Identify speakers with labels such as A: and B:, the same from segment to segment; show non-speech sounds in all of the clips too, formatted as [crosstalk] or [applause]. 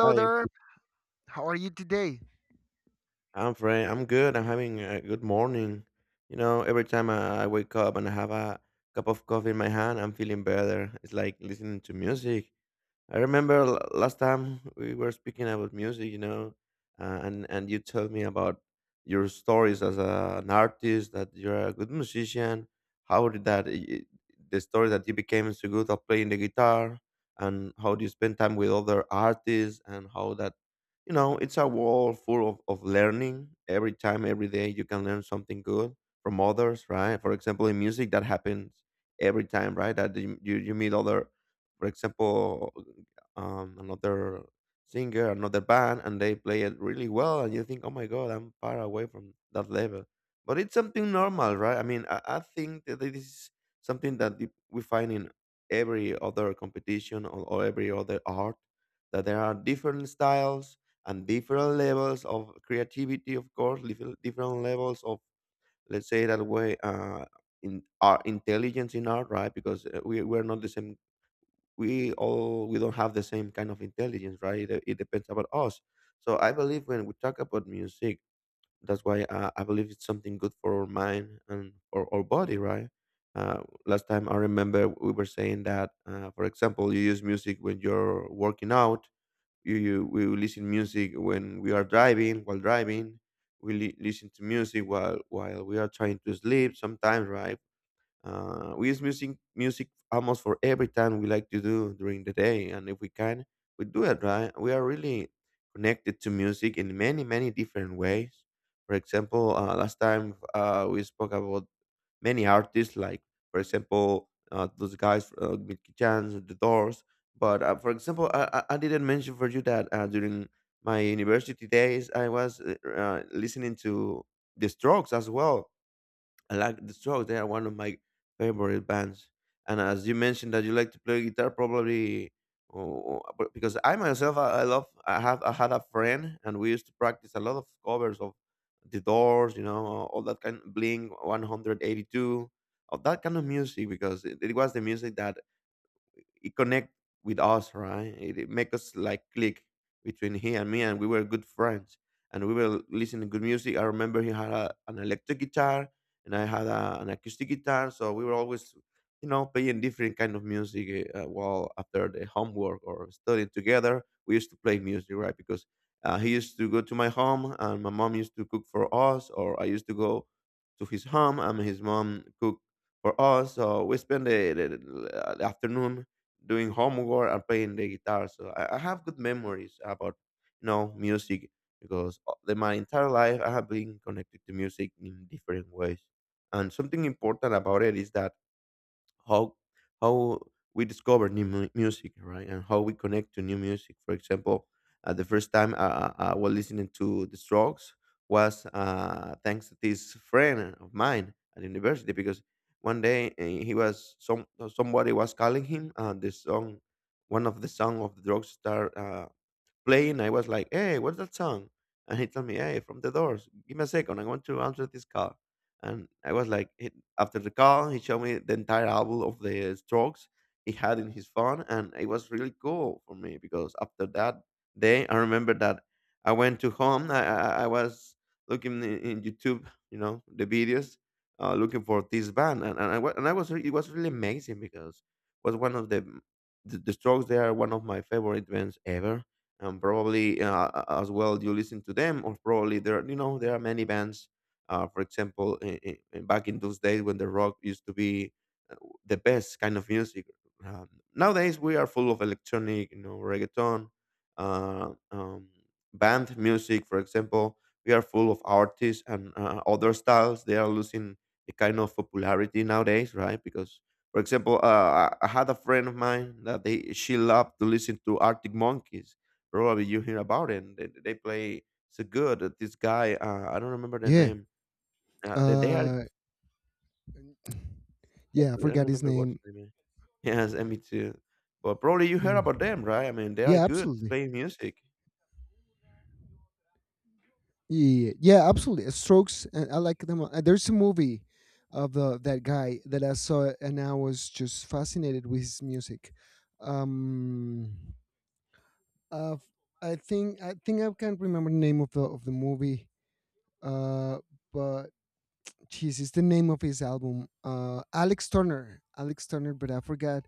A: Hi, I'm fine. I'm good. I'm having a good morning. You know, every time I wake up and I have a cup of coffee in my hand, I'm feeling better. It's like listening to music. I remember last time we were speaking about music, you know, and you told me about your stories as an artist, that you're a good musician. How did that the story that you became so good at playing the guitar, and how do you spend time with other artists, and how that you know it's a wall full of learning every time every day you can learn something good from others, right? For example, in music that happens every time, right? That you meet other, for example, another singer, another band, and they play it really well, and you think, oh my god, I'm far away from that level. But it's something normal, right? I mean, I think that this is something that we find in every other competition, or every other art, that there are different styles and different levels of creativity, of course, different levels of, let's say that way, in our intelligence in art, right? Because we're not the same. We don't have the same kind of intelligence, right? It depends about us. So I believe when we talk about music, that's why I believe it's something good for our mind and for our body, right? uh, Last time I remember we were saying that, for example, you use music when you're working out. You We listen music when we are driving, while driving. We listen to music while we are trying to sleep sometimes, right? We use music almost for every time we like to do during the day, and if we can, we do it, right? We are really connected to music in many different ways. For example, last time we spoke about many artists, like, for example, those guys, Mickey Chance, The Doors. But, for example, I didn't mention for you that during my university days, I was listening to The Strokes as well. I like the Strokes. They are one of my favorite bands. And as you mentioned that you like to play guitar, probably oh, because I myself, I love. I had a friend, and we used to practice a lot of covers of the Doors, you know, all that kind, Blink 182, of that kind of music because it was the music that it connect with us, right? It make us like click between he and me, and we were good friends. And we were listening good music. I remember he had an electric guitar, and I had an acoustic guitar. So we were always, you know, playing different kind of music. While after the homework or studying together, we used to play music, right? Because he used to go to my home, and my mom used to cook for us, or I used to go to his home, and his mom cook for us. So we spend the afternoon doing homework and playing the guitar. So I have good memories about you know music because my entire life I have been connected to music in different ways. And something important about it is that how how we discover new music, right? And how we connect to new music. For example, the first time I was listening to The Strokes was thanks to this friend of mine at university because one day he was somebody was calling him and the song, one of the song of the drug star playing, I was like, "Hey, what's that song?" And he told me, "Hey, from The Doors. Give me a second. I want to answer this call." And I was like, he, after the call, he showed me the entire album of the Strokes he had in his phone, and it was really cool for me because after that day, I remember that I went to home. I was looking in YouTube, you know, the videos, looking for this band, and, and it was really amazing because it was one of the Strokes. They are one of my favorite bands ever. And probably as well you listen to them, or probably you know there are many bands, for example, back in those days when the rock used to be uh, the best kind of music. um, Nowadays we are full of electronic, you know, reggaeton, uh, um, band music, for example. We are full of artists, and other styles they are losing a kind of popularity nowadays, right? Because, for example, I had a friend of mine that they she loved to listen to Arctic Monkeys. Probably you hear about it. They play so good. That This guy, I don't remember the
B: Yeah.
A: name. They are,
B: Uh yeah, I
A: I don't
B: forgot his
A: remember what his
B: name.
A: name [laughs] is. Yes, and me too. But probably you heard
B: Mm.
A: about them, right? I mean, they are
B: Yeah,
A: good to
B: absolutely.
A: playing music.
B: Yeah, yeah, absolutely. Strokes and I like them. There's a movie of the that guy that I saw and I was just fascinated with his music. Um uh, I think I can't remember the name of the movie. Uh but jeez, it's the name of his album. Alex Turner. Alex Turner, but I forgot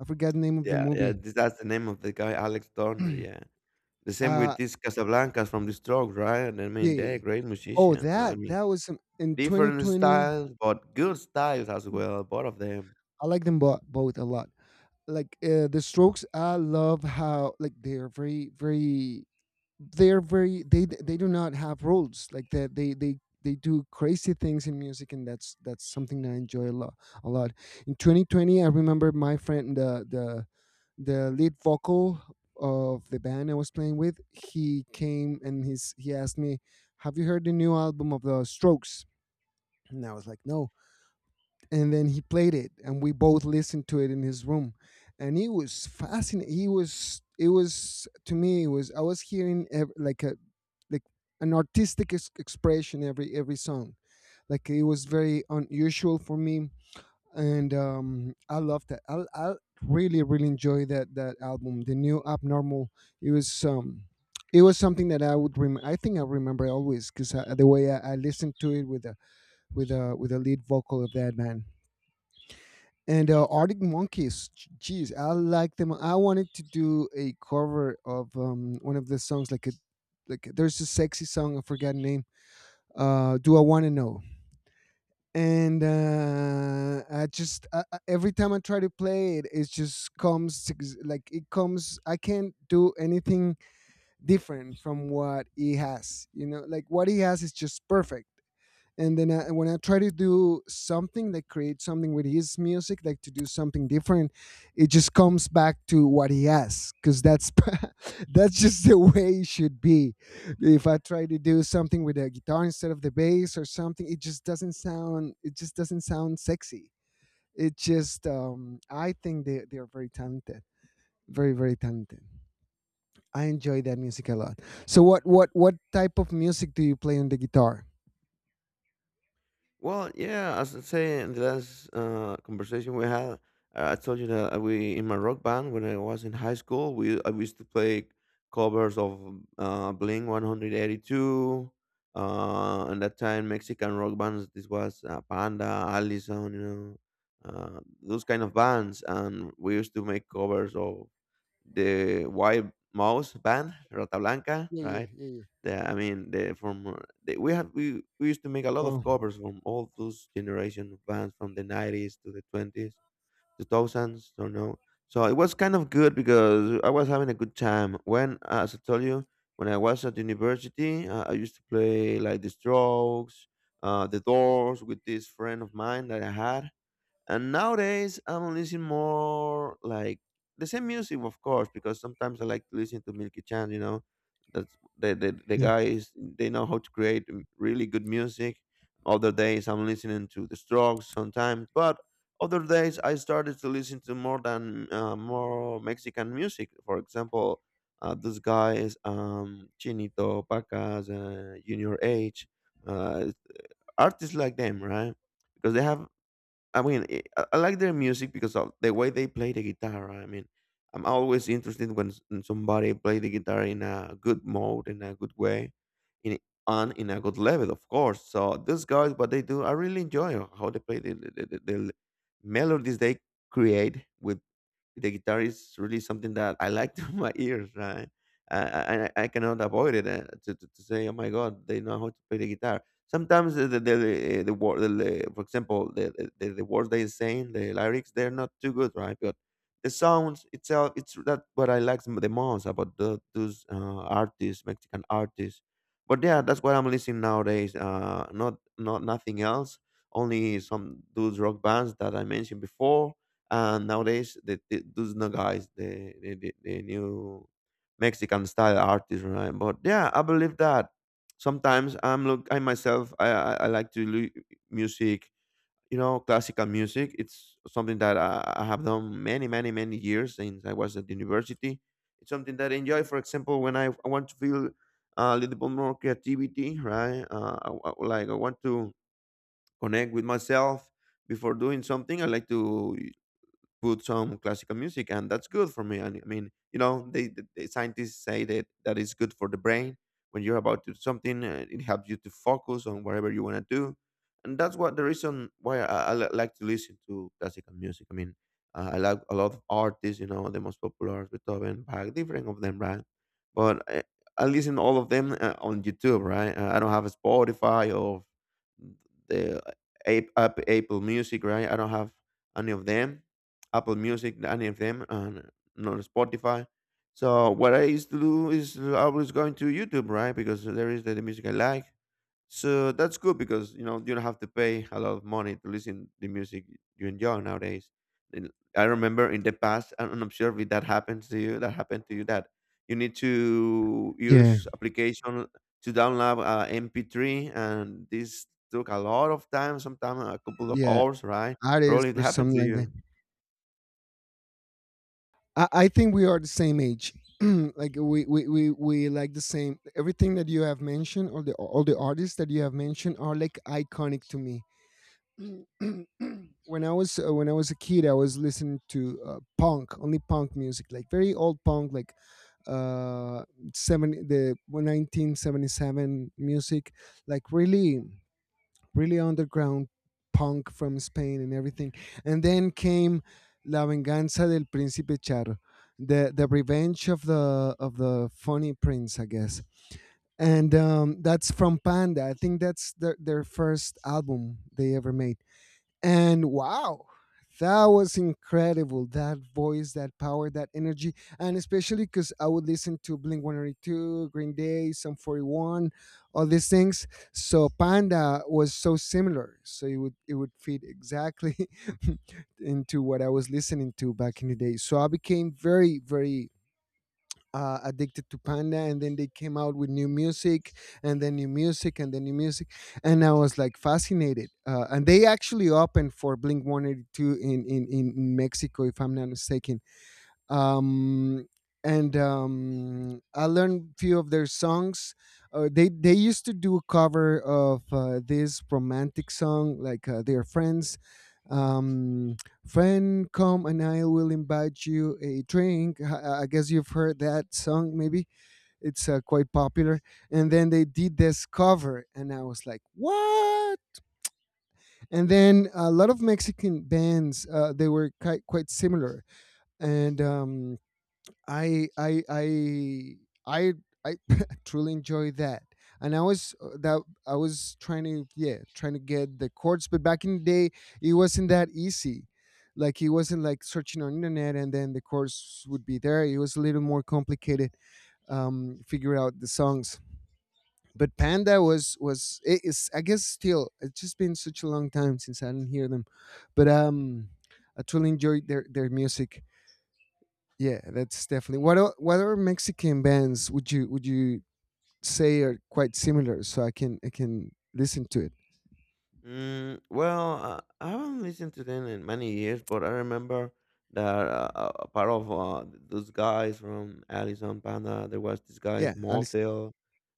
B: the name of the
A: Yeah, yeah.
B: movie.
A: That's the name of the guy, Alex Turner. Yeah. The
B: [clears throat]
A: same with
B: uh
A: these Casablancas from the Strokes, right? And I mean, they're
B: Yeah.
A: great
B: Oh,
A: musicians. I mean,
B: that was some in
A: different
B: 2020,
A: styles, but good styles as well. Both of them.
B: I like them both a lot. Like, The Strokes, I love how, like, they're very, very they're very they do not have rules. Like, that. They They do crazy things in music, and that's something that I enjoy a lot a lot. In 2020, I remember my friend, the lead vocal of the band I was playing with, he came and he asked me, "Have you heard the new album of The Strokes?" And I was like, no. And then he played it, and we both listened to it in his room, and he was fascinated. He was, it was to me, it was I was hearing like a like an expression every song. Like it was very unusual for me, and I loved that. I really enjoy that album, the new Abnormal. It was um, it was something that I would I think I remember always because the way I listened to it with a lead vocal of that man. And Arctic Monkeys, geez, I like them. I wanted to do a cover of one of the songs, like a there's a sexy song I forgot the name. Do I want to know? And I just every time I try to play it, it just like it comes. I can't do anything different from what he has. You know, like what he has is just perfect, and then I, when I try to do something like create something with his music, like to do something different, it just comes back to what he has, because that's [laughs] that's just the way it should be. If I try to do something with a guitar instead of the bass or something, it just doesn't sound. It just doesn't sound sexy. It just. I think they are very talented, very talented. I enjoy that music a lot. So what type of music do you play on the guitar?
A: Well, yeah, as I say in the last conversation we had, I told you that we in my rock band when I was in high school, we I used to play covers of Blink 182. And that time, Mexican rock bands. This was Panda, Allison, you know, those kind of bands, and we used to make covers of the White Mouse band, Rata Blanca,
B: Yeah, yeah,
A: right?
B: yeah, yeah.
A: Yeah, I mean, the from the, we had we used to make a lot of
B: Wow.
A: covers from all those generation of bands from the nineties to the twenties, the thousands, don't know. So it was kind of good because I was having a good time. When, as I told you, when I was at university, I used to play like the Strokes, the Doors with this friend of mine that I had. And nowadays, I'm listening more like the same music, of course, because sometimes I like to listen to Milky Chance. You know, that's the
B: Yeah.
A: guys they know how to create really good music. Other days, I'm listening to The Strokes sometimes, but other days I started to listen to more than more Mexican music. For example, those guys, Chinito, Pacas, Junior H, uh, artists like them, right? Because they have, I mean, I like their music because of the way they play the guitar, right? I mean, I'm always interested when when somebody play the guitar in a good mode, in a good way, in and in a good level, of course. So these guys, what they do, I really enjoy how they play the melodies they create with the guitar is really something that I like [laughs] to my ears, right? I cannot avoid it, to say, oh my God, they know how to play the guitar. Sometimes the, for example, the words they are saying, the lyrics, they're not too good, right? But the sounds itself, it's that what I like the most about those artists, Mexican artists. But yeah, that's what I'm listening nowadays. Not nothing else. Only some those rock bands that I mentioned before, and nowadays, those no guys, the new Mexican style artists, right? But yeah, I believe that sometimes I myself, I like to music, you know, classical music. It's something that I have done many years since I was at university. It's something that I enjoy. For example, when I want to feel a little bit more creativity, right? Like I want to connect with myself before doing something. I like to put some classical music, and that's good for me. And I mean, you know, the scientists say that that is good for the brain. When you're about to do something, it helps you to focus on whatever you want to do, and that's what the reason why I like to listen to classical music. I mean, I like a lot of artists, you know, the most popular Beethoven, Bach, different of them, right? But I listen all of them on YouTube, right? I don't have a Spotify or the Apple Music, right? I don't have any of them. Apple Music and FM and not Spotify. So what I used to do is I was going to YouTube, right? Because there is the music I like. So that's good because you know you don't have to pay a lot of money to listen the music you enjoy nowadays. And I remember in the past, I don't know if that happens to you. That happened to you that you need to
B: Yeah.
A: use application to download MP3, and this took a lot of time, sometimes a couple of
B: Yeah.
A: hours, right? Probably
B: Artists
A: it
B: or
A: happened
B: something
A: to
B: like that.
A: you.
B: I think we are the same age. [clears throat] Like we like the same, everything that you have mentioned, all the artists that you have mentioned are like iconic to me. [clears throat] When I was when I was a kid, I was listening to punk, only punk music, like very old punk, like uh 70, the 1977 music, like really underground punk from Spain and everything. And then came La Venganza del Príncipe Charro, the revenge of the funny prince, I guess. And that's from Panda. I think that's their first album they ever made. And wow, that was incredible. That voice, that power, that energy. And especially because I would listen to Blink 182, Green Day, Sum 41, all these things. So Panda was so similar. So it would fit exactly. [laughs] Into what I was listening to back in the day. So I became very, very addicted to Panda, and then they came out with new music, and then new music, and then new music, and I was like fascinated. And they actually opened for Blink 182 in, in Mexico, if I'm not mistaken, um, and I learned few of their songs. They used to do a cover of this romantic song, like their friends. Um, Friend, come and I will invite you a drink. I guess you've heard that song. Maybe it's quite popular. And then they did this cover, and I was like, what? And then a lot of Mexican bands, they were quite similar, and I I I I I [laughs] truly enjoy that. And I was that I was trying to trying to get the chords, but back in the day it wasn't that easy. Like it wasn't like searching on internet and then the chords would be there. It was a little more complicated, figure out the songs. But Panda was it is, I guess, still, it's just been such a long time since I didn't hear them, but I truly enjoyed their music. Yeah, that's definitely. What other Mexican bands would you say are quite similar? So I can listen to it.
A: Mm, well, I haven't listened to them in many years, but I remember that part of those guys from Alice on Panda, there was this guy's
B: Yeah, I listen.
A: motel.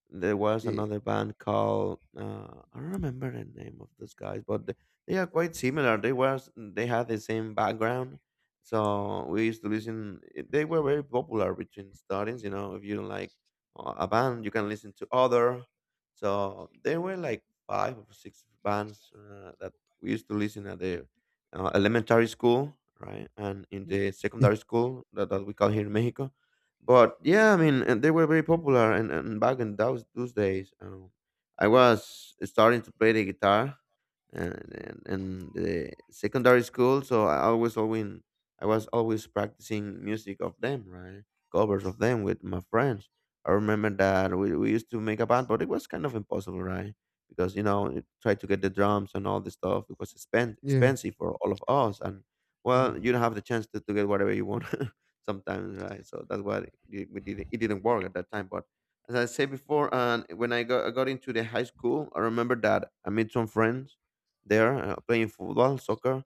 A: There was
B: Yeah,
A: another band called I don't remember the name of those guys, but they are quite similar. They were they had the same background, so we used to listen. They were very popular between students. You know, if you don't like a band, you can listen to other. So there were like five or six bands that we used to listen at the elementary school, right, and in
B: Mhm.
A: the
B: yeah,
A: secondary school that, that we call here in Mexico but yeah, I mean, and they were very popular, and back in those days, I was starting to play the guitar, and the secondary school so I always I was always practicing music of them, right, covers of them with my friends. I remember that we used to make a band, but it was kind of impossible, right? Because you know try to get the drums and all this stuff, it was
B: yeah,
A: expensive for all of us, and well,
B: yeah.
A: you don't have the chance to get whatever you want [laughs] sometimes, right? So that's why we did it didn't work at that time. But as I said before and when I got into the high school, I remember that I made some friends there playing football, soccer.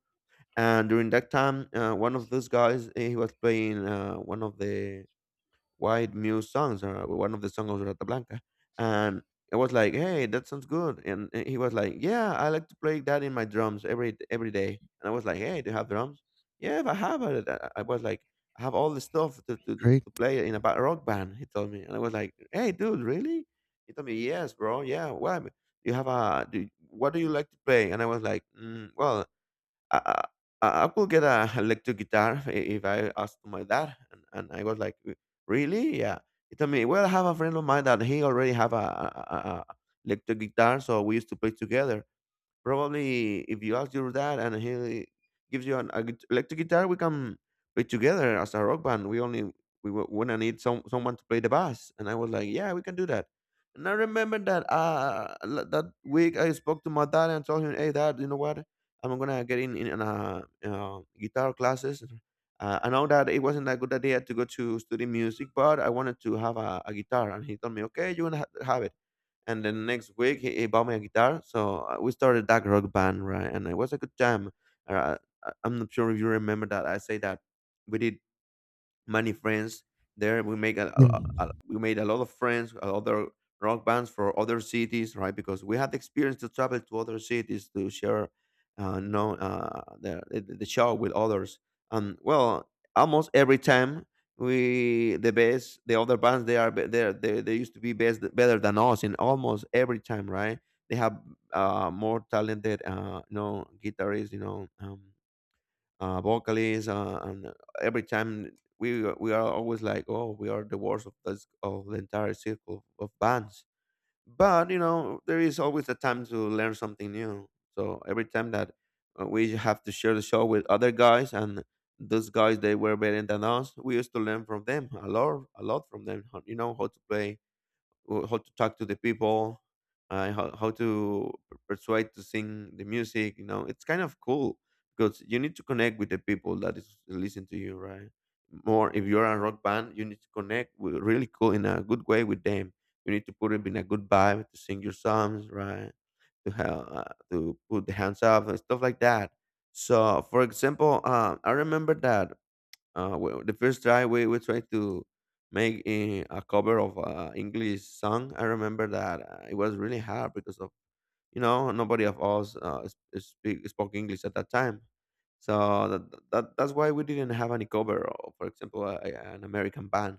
A: And during that time, one of those guys, he was playing one of the white Muse songs, or one of the songs of Rata Blanca. And I was like, hey, that sounds good. And he was like, yeah, I like to play that in my drums every day. And I was like, hey, do you have drums? Yeah, if I have it. I was like, I have all the stuff
B: Great.
A: to play in a rock band, he told me. And I was like, hey, dude, really? He told me, yes, bro. Yeah, well, you have a, do, what do you like to play? And I was like, mm, well, I, I I could get a electric guitar if I asked my dad, and I was like, really? Yeah." He told me, well, I have a friend of mine that he already have a electric guitar, so we used to play together. Probably if you ask your dad and he gives you an a electric guitar, we can play together as a rock band. We only we wanna need someone to play the bass. And I was like, yeah, we can do that. And I remember that that week I spoke to my dad and told him, hey dad, you know what? I'm gonna get in guitar classes. I know that it wasn't a good idea to go to study music, but I wanted to have a guitar. And he told me, okay, you're going to have it. And then next week he bought me a guitar, so we started that rock band, right, and it was a good time. uh, I'm not sure if you remember that I say that we did many friends there. We make
B: Mm.
A: we made a lot of friends, other rock bands for other cities, right? Because we had the experience to travel to other cities to share, know the show with others. And well, almost every time we the other bands they are they they used to be best better than us in almost every time, right? They have more talented, you know, guitarists, you know. Vocalists, and every time we are always like, oh, we are the worst of this of the entire circle of bands. But you know, there is always a time to learn something new. So every time that we have to share the show with other guys, and those guys they were better than us, we used to learn from them a lot from them. You know how to play how to talk to the people, how to persuade to sing the music. You know, it's kind of cool because you need to connect with the people that is listen to you, right? More if you're a rock band, you need to connect with, really cool in a good way with them. You need to put it in a good vibe to sing your songs, right? To have to put the hands up and stuff like that. So, for example, I remember that the first try we tried to make a cover of English song. I remember that it was really hard because of you know, nobody of us speak, spoke English at that time. So that's why we didn't have any cover, or, for example, an American band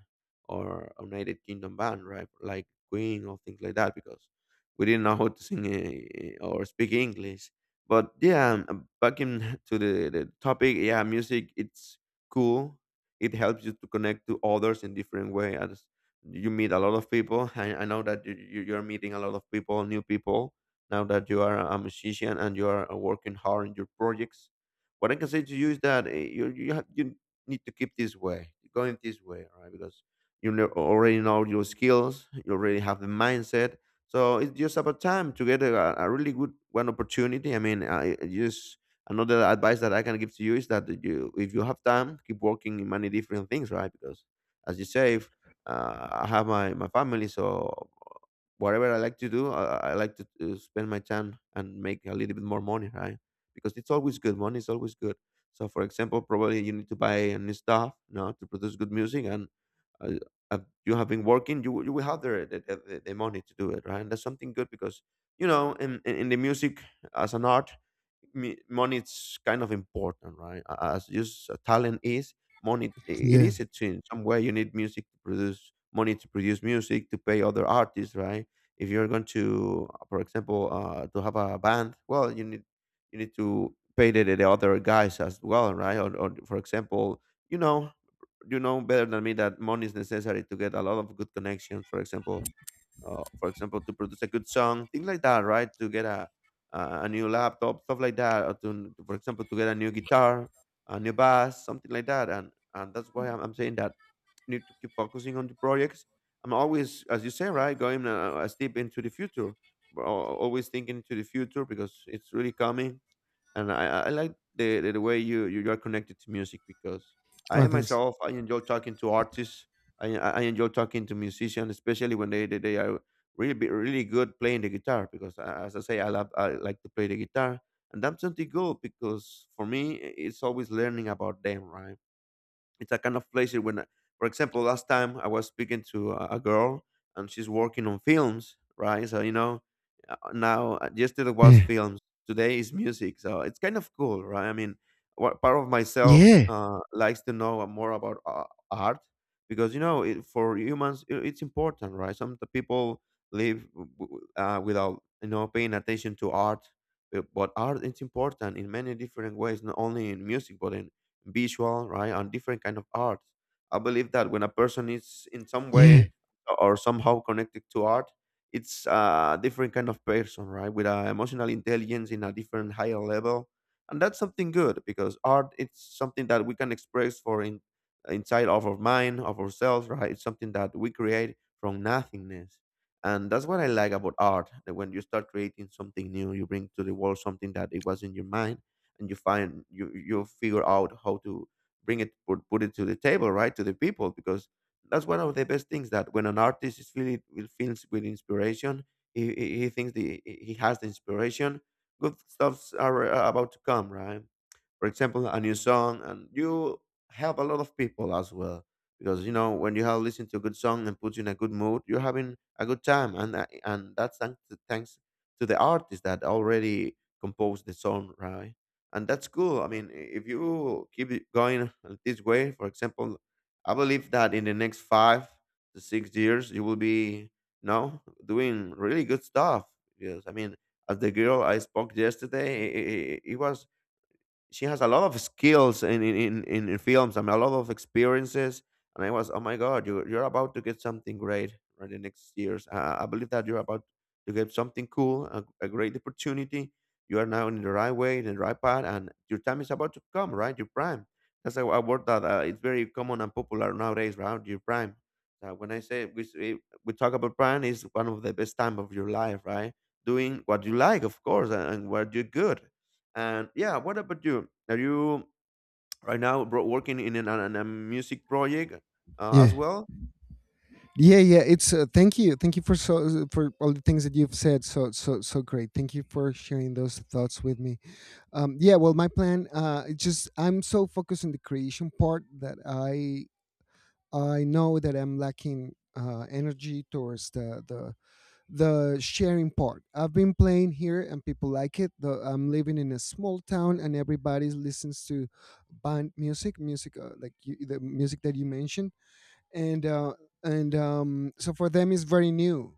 A: or a United Kingdom band, right? Like Queen or things like that, because we didn't know how to sing or speak English. But yeah, back in [laughs] to the topic, yeah, music it's cool. It helps you to connect to others in different way. As you meet a lot of people, I know that you're meeting a lot of people, new people, now that you are a musician and you are working hard in your projects. What I can say to you is that you need to keep this way, going this way, right? Because you know, already know your skills, you already have the mindset. So it's just about time to get a really good one opportunity. I mean, I just another advice that I can give to you is that you, if you have time, keep working in many different things, right? Because as you say, if, I have my family, so whatever I like to do, I like to spend my time and make a little bit more money, right? Because it's always good. Money is always good. So, for example, probably you need to buy a new stuff, you know, to produce good music, and uh, uh, you have been working, you will have the money to do it, right? And that's something good because you know, in the music as an art, money is kind of important, right? As just a talent is, money it
B: Yeah.
A: is a thing. Somewhere you need music to produce money to produce music to pay other artists, right? If you're going to, for example, to have a band, well, you need to pay the other guys as well, right? Or for example, you know, you know better than me that money is necessary to get a lot of good connections. For example, to produce a good song, things like that, right? To get a new laptop, stuff like that, or to, for example, to get a new guitar, a new bass, something like that. And that's why I'm saying that you need to keep focusing on the projects. I'm always, as you say, right, going a step into the future, but always thinking to the future because it's really coming. And I like the way you are connected to music because I
B: Oh,
A: am
B: thanks.
A: myself I enjoy talking to artists. I enjoy talking to musicians, especially when they are really good playing the guitar because as I say I like to play the guitar. And that's something good because for me it's always learning about them, right? It's a kind of place when for example last time I was speaking to a girl, and she's working on films, right? So, now, yesterday was
B: Yeah,
A: films, today is music. So it's kind of cool, right? I mean, what part of myself
B: yeah,
A: likes to know more about art. Because it, for humans I it's important, right? Some of the people live without paying attention to art. Uh, but art is important in many different ways, not only in music but in visual, right, and different kind of arts. I believe that when a person is in some
B: yeah,
A: way or somehow connected to art, it's a different kind of person, right, with a emotional intelligence in a different higher level, and that's something good because art it's something that we can express for in inside of our mind, of ourselves, right? It's something that we create from nothingness. And that's what I like about art. That when you start creating something new, you bring to the world something that it was in your mind, and you figure out how to bring it put it to the table, right, to the people, because that's one of the best things, that when an artist is feeling will feels with inspiration, he thinks, the he has the inspiration, good stuffs are about to come, right? For example, a new song, and you help a lot of people as well. Because when you have listened to a good song and puts you in a good mood, you're having a good time, and and that's thanks to, the artist that already composed the song, right? And that's cool. I mean, if you keep it going this way, for example, I believe that in the next 5 to 6 years, you will be, doing really good stuff. Because I mean, as the girl I spoke yesterday, it was she has a lot of skills in films and a lot of experiences, and I was, oh my god, you're about to get something great for the next years. Uh, I believe that you're about to get something cool, a great opportunity. You are now in the right way, in the right path, and your time is about to come, right? Your prime. That's a word that it's very common and popular nowadays, right? Your prime. When I say we, say- We talk about prime is one of the best time of your life, right? Doing what you like, of course, and, what you're good. And yeah, what about you? Are you right now working in a music project
B: yeah,
A: as well?
B: yeah, yeah. It's thank you, for for all the things that you've said. So great. Thank you for sharing those thoughts with me. Yeah. Well, my plan. It just I'm so focused on the creation part that I know that I'm lacking energy towards the sharing part. I've been playing here and people like it. I'm living in a small town and everybody listens to music like you, the music that you mentioned, and so for them it's very new,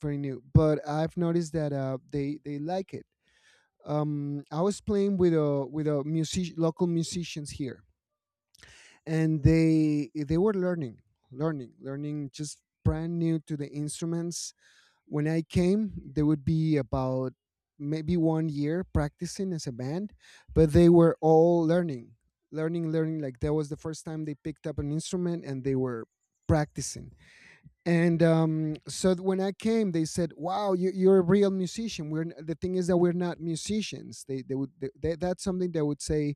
B: very new. But I've noticed that they like it. I was playing with a music, local musicians here, and they were learning, just brand new to the instruments. When I came, they would be about maybe one year practicing as a band, but they were all learning, like that was the first time they picked up an instrument, and they were practicing. And so when I came, they said, wow, you're a real musician. The thing is that we're not musicians, they would, that's something they would say,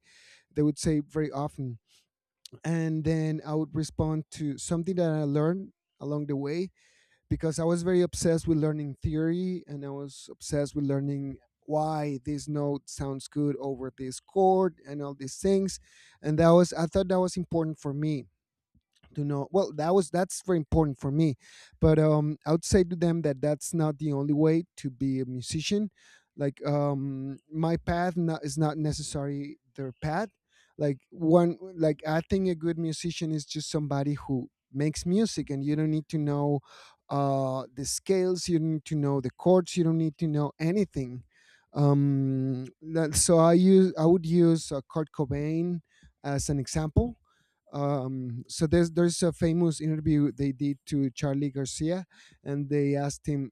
B: very often. And then I would respond to something that I learned along the way, because I was very obsessed with learning theory, and I was obsessed with learning why this note sounds good over this chord and all these things, and that was I thought that was important for me to know. Well, that's very important for me, but I would say to them that that's not the only way to be a musician. Like, my path, not, is not necessarily their path. Like one like I think a good musician is just somebody who makes music, and you don't need to know the scales, you don't need to know the chords, you don't need to know anything. So I would use, Kurt Cobain as an example. So there's a famous interview they did to Charlie Garcia, and they asked him,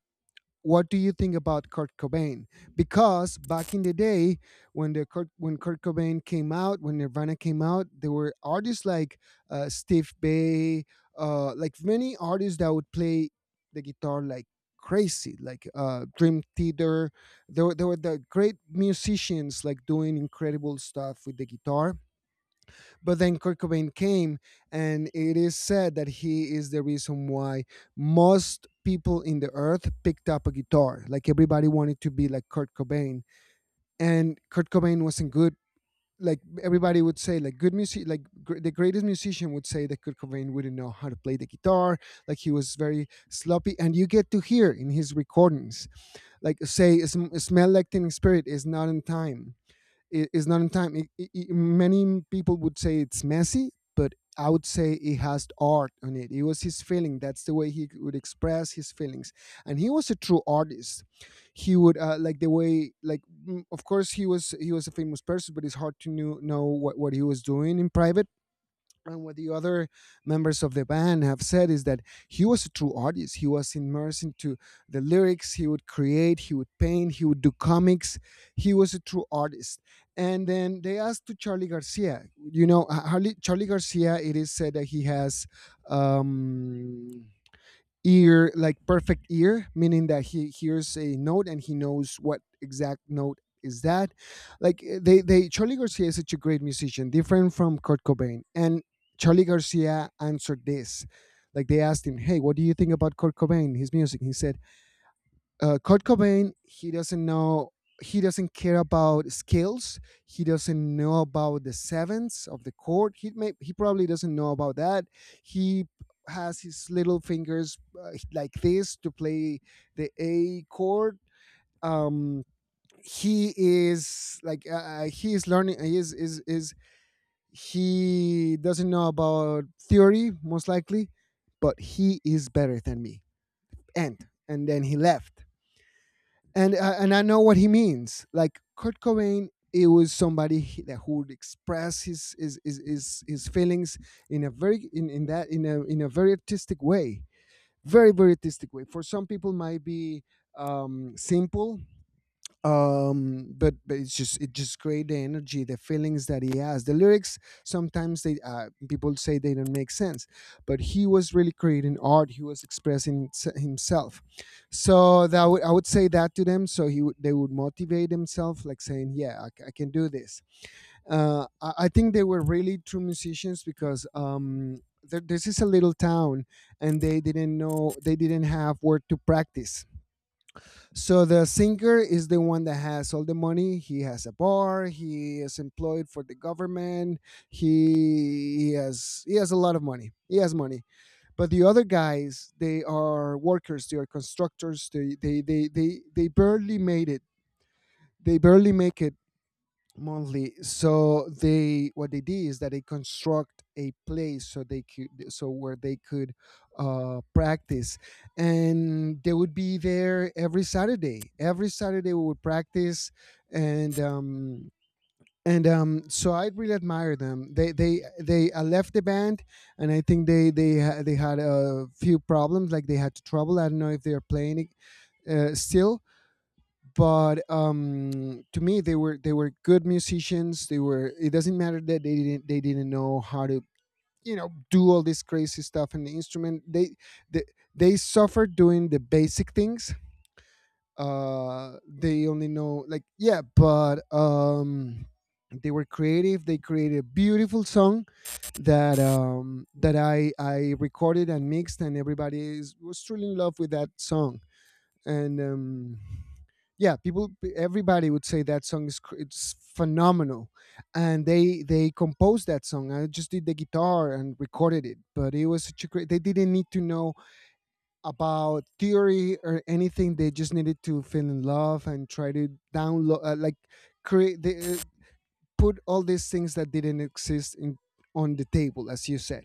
B: what do you think about Kurt Cobain? Because back in the day, when when Kurt Cobain came out, when Nirvana came out, there were artists like, Steve Bay, like many artists that would play the guitar like crazy, like Dream Theater. There were the great musicians, like doing incredible stuff with the guitar, but then Kurt Cobain came, and it is said that he is the reason why most people in the earth picked up a guitar. Like everybody wanted to be like Kurt Cobain, and Kurt Cobain wasn't good. Like everybody would say, like good music, like the greatest musician would say that Kurt Cobain wouldn't know how to play the guitar. Like he was very sloppy, and you get to hear in his recordings, like say, "Smell Like Teen Spirit" is not in time, is not in time. I Many people would say it's messy, but I would say it has art on it. It was his feeling. That's the way he would express his feelings, and he was a true artist. He would like the way, like of course he was a famous person, but it's hard to know what he was doing in private. And what the other members of the band have said is that he was a true artist. He was immersed into the lyrics. He would create, he would paint, he would do comics. He was a true artist. And then they asked to Charlie Garcia. You know, Harley, Charlie Garcia, it is said that he has um, ear, like perfect ear, meaning that he hears a note and he knows what exact note is that. Like they charlie garcia is such a great musician, different from kurt cobain, and charlie garcia answered this. Like they asked him, hey, what do you think about kurt cobain, his music? He said Kurt Cobain, he doesn't know, he doesn't care about scales. He doesn't know about the sevenths of the chord. He probably doesn't know about that. He has his little fingers like this to play the A chord. Um, he is like he is learning. He is he doesn't know about theory most likely, but he is better than me. And then he left, and I know what he means. Like Kurt Cobain, it was somebody he- that who would express his feelings in a very in a very artistic way, very artistic way. For some people, might be simple, but it's just, it just create the energy, the feelings that he has, the lyrics. Sometimes they people say they don't make sense, but he was really creating art. He was expressing himself. So that would, I would say that to them. So he would, they would motivate themselves, like saying, yeah, I can do this. I think they were really true musicians, because this is a little town, and they didn't know, they didn't have where to practice. So the singer is the one that has all the money. He has a bar. He is employed for the government. He has, he has a lot of money. He has money. But the other guys, they are workers. They are constructors. They barely made it. They barely make it monthly. So they, what they did is that they construct a place so they could, so where they could practice. And they would be there every saturday we would practice. And um and um so I really admire them. They left the band. And I think they they had a few problems. Like they had trouble, I don't know if they're playing it, still. But to me they were, they were good musicians. They were, it doesn't matter that they didn't, they didn't know how to, you know, do all this crazy stuff in the instrument. They, they suffered doing the basic things. They only know like, yeah. But they were creative. They created a beautiful song that that i recorded and mixed, and was truly in love with that song. And yeah, people, everybody would say that song is it's phenomenal. And they composed that song. I just did the guitar and recorded it. But it was such a great, they didn't need to know about theory or anything. They just needed to feel in love and try to download, like create. They put all these things that didn't exist in, on the table, as you said.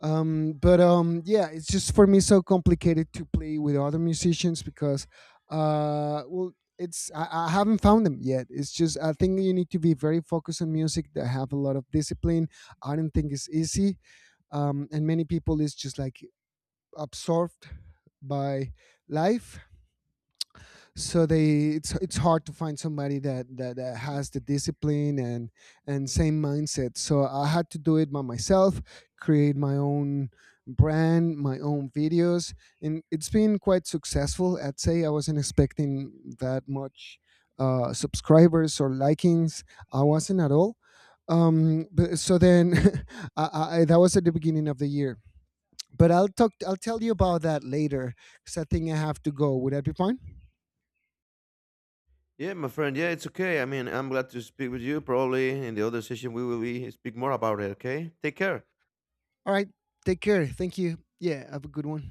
B: But yeah, it's just for me so complicated to play with other musicians. Because well, it's, I haven't found them yet. It's just, I think you need to be very focused on music, that have a lot of discipline. I don't think it's easy. And many people is just like absorbed by life. So they, it's hard to find somebody that, that has the discipline and same mindset. So I had to do it by myself, create my own brand, my own videos. And it's been quite successful, I'd say. I wasn't expecting that much subscribers or likings. I wasn't at all. But, so then [laughs] I, that was at the beginning of the year. But I'll tell you about that later, because I think I have to go. Would that be fine?
A: Yeah, my friend. Yeah, it's okay. I mean, I'm glad to speak with you. Probably in the other session we will be speak more about it. Okay, take care.
B: All right. Take care. Thank you. Yeah. Have a good one.